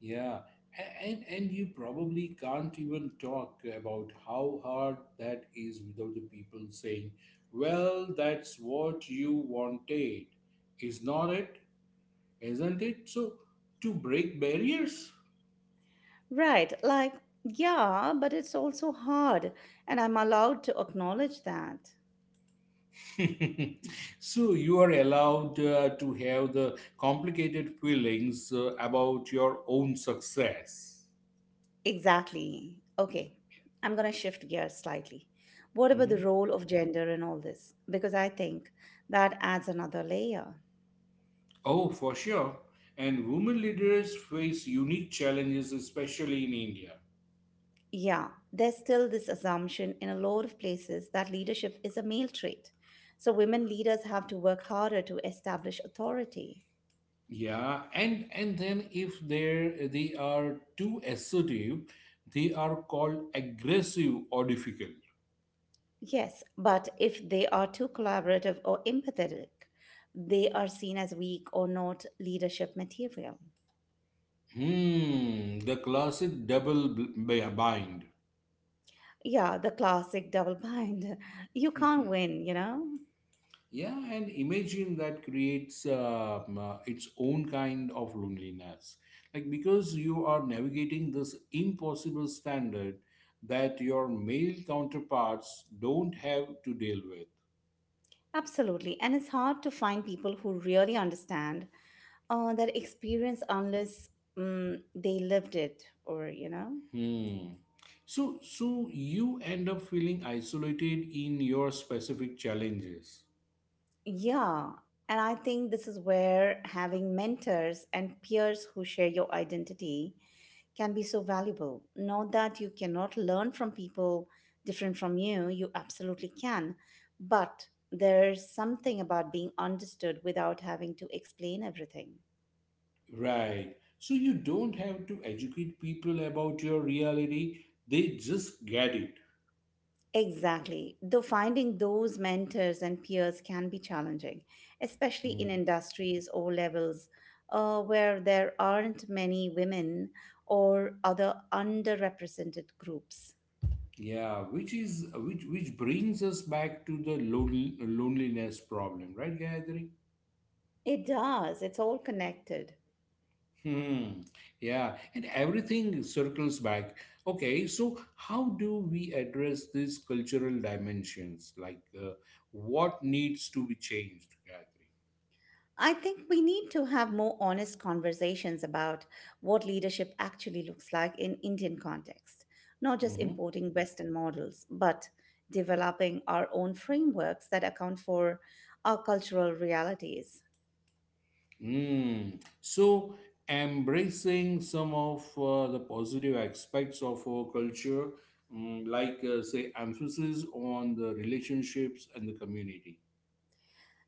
Yeah, A- and and you probably can't even talk about how hard that is without the people saying, "Well, that's what you wanted, is not it? Isn't it?" So to break barriers. Right. Like, yeah, but it's also hard, and I'm allowed to acknowledge that. So you are allowed uh, to have the complicated feelings uh, about your own success. Exactly. Okay. I'm going to shift gears slightly. What about Mhm. the role of gender in all this? Because I think that adds another layer. Oh, for sure. And women leaders face unique challenges, especially in India. Yeah, there's still this assumption in a lot of places that leadership is a male trait. So women leaders have to work harder to establish authority. Yeah, and and then if they they are too assertive, they are called aggressive or difficult. Yes, but if they are too collaborative or empathetic, they are seen as weak or not leadership material. Hmm, the classic double b- bind. Yeah, the classic double bind. You can't win, you know? Yeah, and imagine that creates uh, um, uh, its own kind of loneliness. Like, because you are navigating this impossible standard that your male counterparts don't have to deal with. Absolutely. And it's hard to find people who really understand uh, that experience unless mm, they lived it or, you know? Hmm. So, so you end up feeling isolated in your specific challenges. Yeah, and I think this is where having mentors and peers who share your identity can be so valuable. Not that you cannot learn from people different from you, you absolutely can. But there's something about being understood without having to explain everything. Right. So, you don't have to educate people about your reality, they just get it. Exactly. Though finding those mentors and peers can be challenging, especially in industries or levels uh, where there aren't many women or other underrepresented groups. Yeah, which is which which brings us back to the lon- loneliness problem, right, Gayatri? It does, it's all connected. Hmm. Yeah, and everything circles back. Okay, so how do we address these cultural dimensions? Like, uh, what needs to be changed, Gayatri? I think we need to have more honest conversations about what leadership actually looks like in Indian context, not just Mm-hmm. importing Western models, but developing our own frameworks that account for our cultural realities. Mm. So, embracing some of uh, the positive aspects of our culture, mm, like, uh, say, emphasis on the relationships and the community.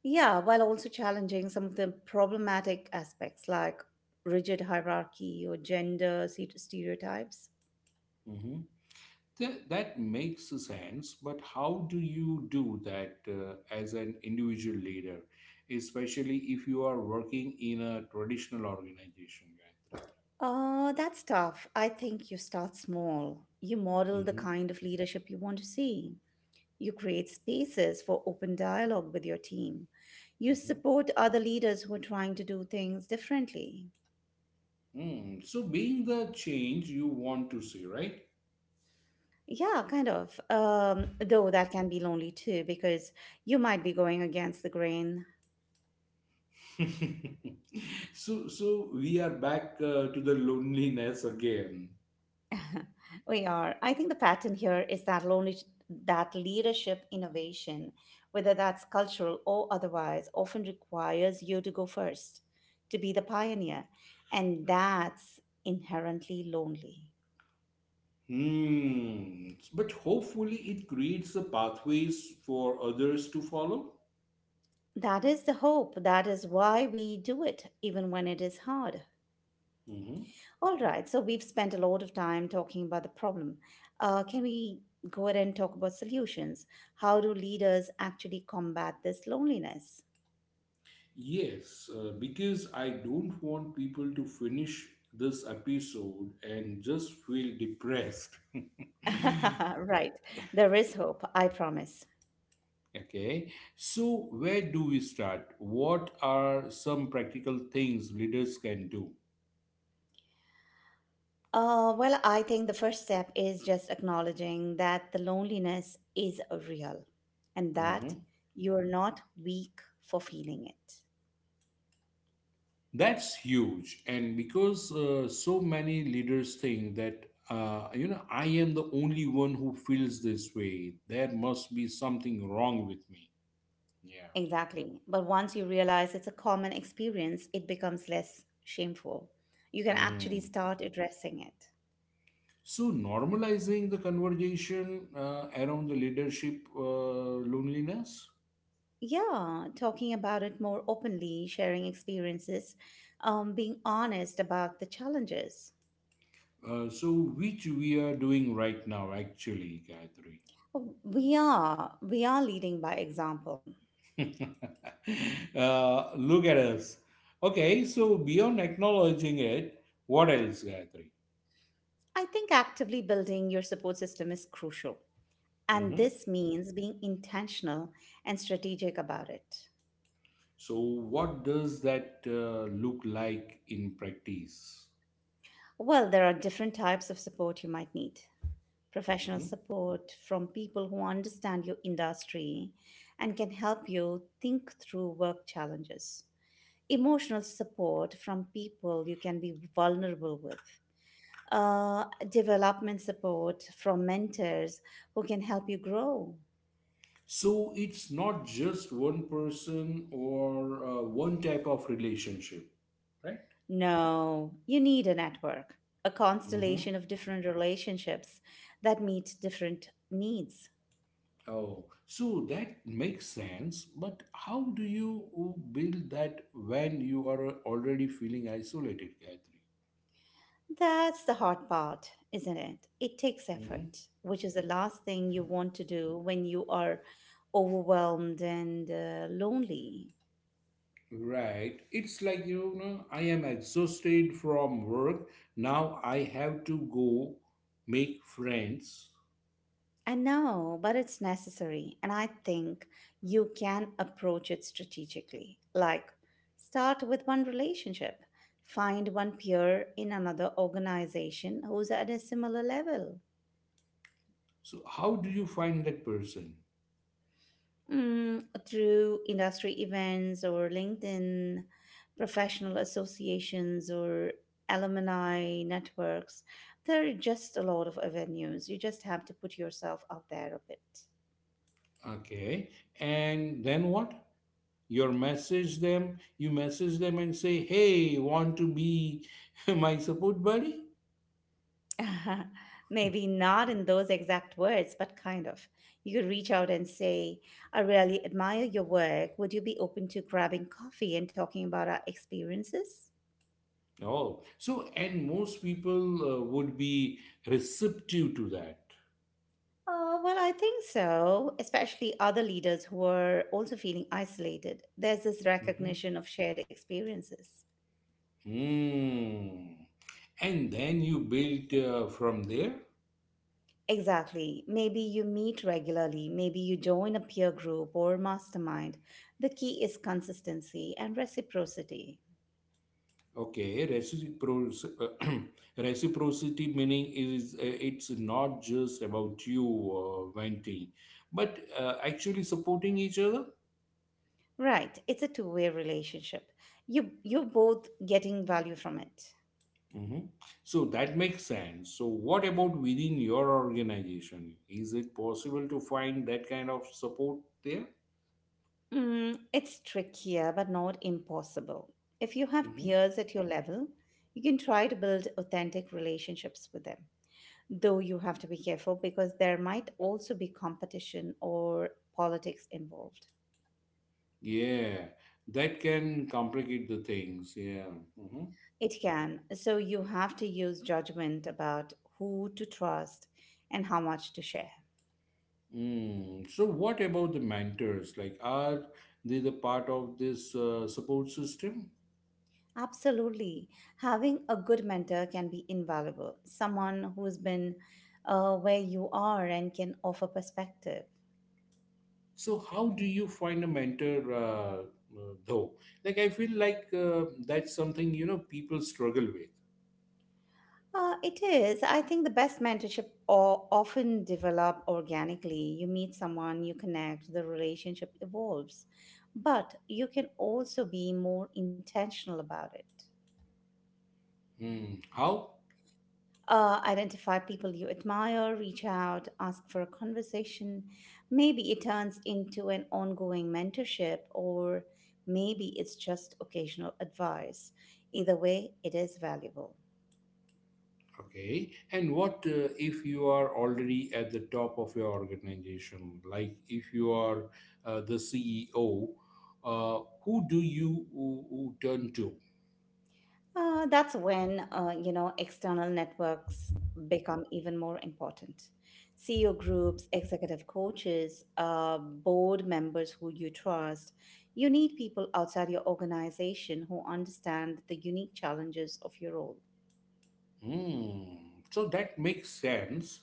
Yeah, while also challenging some of the problematic aspects like rigid hierarchy or gender st- stereotypes. Mhm. Th- that makes sense, but how do you do that uh, as an individual leader, especially if you are working in a traditional organization, Gayatri? Uh, that's tough. I think you start small. You model the Mm-hmm. kind of leadership you want to see. You create spaces for open dialogue with your team. You Mm-hmm. support other leaders who are trying to do things differently. Mm. So, being the change you want to see, right? Yeah, kind of. Um, though that can be lonely too, because you might be going against the grain. So, so we are back uh, to the loneliness again. We are. I think the pattern here is that lonely, that leadership innovation, whether that's cultural or otherwise, often requires you to go first, to be the pioneer, and that's inherently lonely. Hmm. But hopefully, it creates the pathways for others to follow. That is the hope. That is why we do it, even when it is hard. All right, so we've spent a lot of time talking about the problem. Uh, can we go ahead and talk about solutions? How do leaders actually combat this loneliness? Yes, uh, because I don't want people to finish this episode and just feel depressed. Right, there is hope, I promise. Okay, so where do we start? What are some practical things leaders can do? Uh, well, I think the first step is just acknowledging that the loneliness is real and that Mhm. you're not weak for feeling it. That's huge, and because uh, so many leaders think that, uh, you know, I am the only one who feels this way, there must be something wrong with me. Yeah. Exactly. But once you realize it's a common experience, it becomes less shameful. You can actually Mm. start addressing it. So, normalizing the conversation uh, around the leadership uh, loneliness. Yeah, talking about it more openly, sharing experiences, um, being honest about the challenges. Uh, so, which we are doing right now, actually, Gayatri. Oh, We are we are leading by example. uh, look at us. Okay, so beyond acknowledging it, what else, Gayatri? I think actively building your support system is crucial, and Mhm. this means being intentional and strategic about it. So, what does that uh, look like in practice? Well, there are different types of support you might need. Professional Mhm. support from people who understand your industry and can help you think through work challenges, emotional support from people you can be vulnerable with, uh, development support from mentors who can help you grow. So, it's not just one person or uh, one type of relationship, right? No, you need a network, a Mhm. constellation of different relationships that meet different needs. Oh, so that makes sense. But how do you build that when you are already feeling isolated, Gayatri? That's the hard part, isn't it? It takes Hmm. effort, which is the last thing you want to do when you are overwhelmed and uh, lonely. Right. It's like, you know, I am exhausted from work. Now I have to go make friends. I know, but it's necessary. And I think you can approach it strategically. Like, start with one relationship, find one peer in another organization who's at a similar level, So, how do you find that person? mm, through industry events or LinkedIn, professional associations or alumni networks. There are just a lot of avenues. You just have to put yourself out there a Okay. And then what? You message them, you message them and say, hey, want to be my support buddy? bit. Maybe not in those exact words, but kind of. You could reach out and say, I really admire your work. Would you be open to grabbing coffee and talking about our experiences? Oh, so and most people uh, would be receptive to that. Uh, well, I think so, especially other leaders who are also feeling isolated. There's this Hmm. recognition of shared experiences. Hmm. And then you built uh, from there. Exactly. Maybe you meet regularly, maybe you join a peer group or mastermind. The key is consistency and reciprocity. Okay, reciprocity, reciprocity meaning is, uh, it's not just about you uh, venting, but uh, actually supporting each other. Right, it's a two-way relationship. You you're both getting value from it. Hmm. So that makes sense. So what about within your organization? Is it possible to find that kind of support there? Mm, it's trickier but not impossible. If you have Mm-hmm. peers at your level, you can try to build authentic relationships with them, though you have to be careful because there might also be competition or politics involved. Yeah, that can complicate the things. Yeah. Mhm. It can, so you have to use judgment about who to trust and how much to share. Mm. So, what about the mentors? Like, are they the part of this uh, support system? Absolutely. Having a good mentor can be invaluable, someone who's been uh, where you are and can offer perspective. So, how do you find a mentor, uh, uh, though? Like, I feel like uh, that's something, you know, people struggle with. Uh, it is. I think the best mentorship o- often develop organically. You meet someone, you connect, the relationship evolves. But you can also be more intentional about it. Hmm. How? Uh, identify people you admire, reach out, ask for a conversation. Maybe it turns into an ongoing mentorship, or maybe it's just occasional advice. Either way, it is valuable. Okay. And what uh, if you are already at the top of your organization? Like if you are, uh, the C E O, uh, who do you who, who turn to? Uh, that's when uh, you know external networks become even more important. C E O groups, executive coaches, uh, board members who you trust. You need people outside your organization who understand the unique challenges of your role. Hmm. So that makes sense.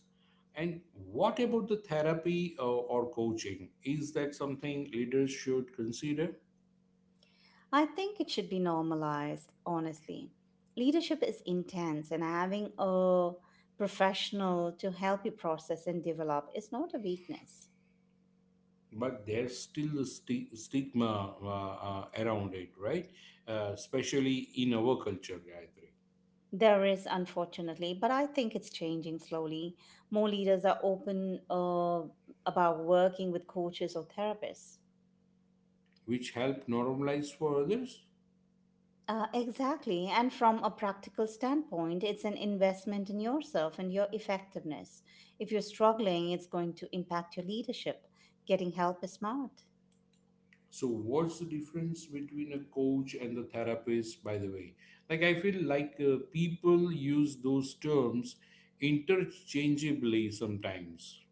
And what about the therapy uh, or coaching? Is that something leaders should consider? I think it should be normalized, honestly. Leadership is intense, and having a professional to help you process and develop is not a weakness. But there's still a sti- stigma, uh, uh, around it, right? Uh, especially in our culture, Gayatri. There is, unfortunately, but I think it's changing slowly. More leaders are open uh, about working with coaches or therapists. Which help normalize for others. Uh, exactly. And from a practical standpoint, it's an investment in yourself and your effectiveness. If you're struggling, it's going to impact your leadership. Getting help is smart. So, what's the difference between a coach and the therapist, by the way? Like, I feel like uh, people use those terms interchangeably sometimes.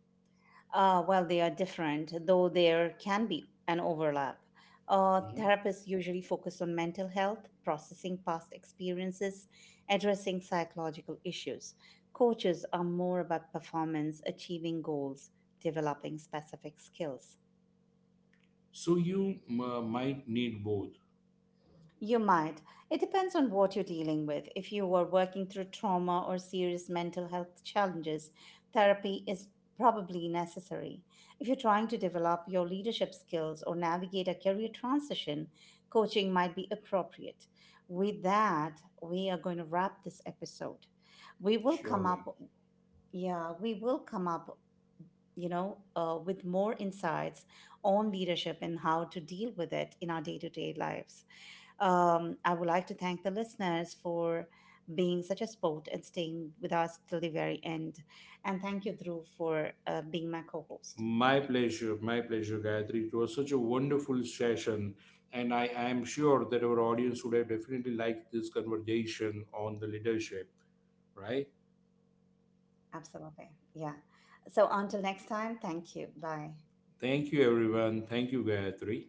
Uh, well, they are different, though there can be an overlap. Uh, Mhm. therapists usually focus on mental health, processing past experiences, addressing psychological issues. Coaches are more about performance, achieving goals, developing specific skills. So, you uh, might need both, You might. It depends on what you're dealing with. If you are working through trauma or serious mental health challenges, therapy is probably necessary. If you're trying to develop your leadership skills or navigate a career transition, coaching might be appropriate. With that, we are going to wrap this episode. We will come up, surely. yeah, we will come up, you know, uh, with more insights on leadership and how to deal with it in our day to day lives. Um, I would like to thank the listeners for being such a sport and staying with us till the very end. And thank you, Drew, for uh, being my co host. My pleasure, my pleasure, Gayatri. It was such a wonderful session, and I, I am sure that our audience would have definitely liked this conversation on the leadership, right? Absolutely. Yeah. So until next time, thank you. Bye. Thank you, everyone. Thank you, Gayatri.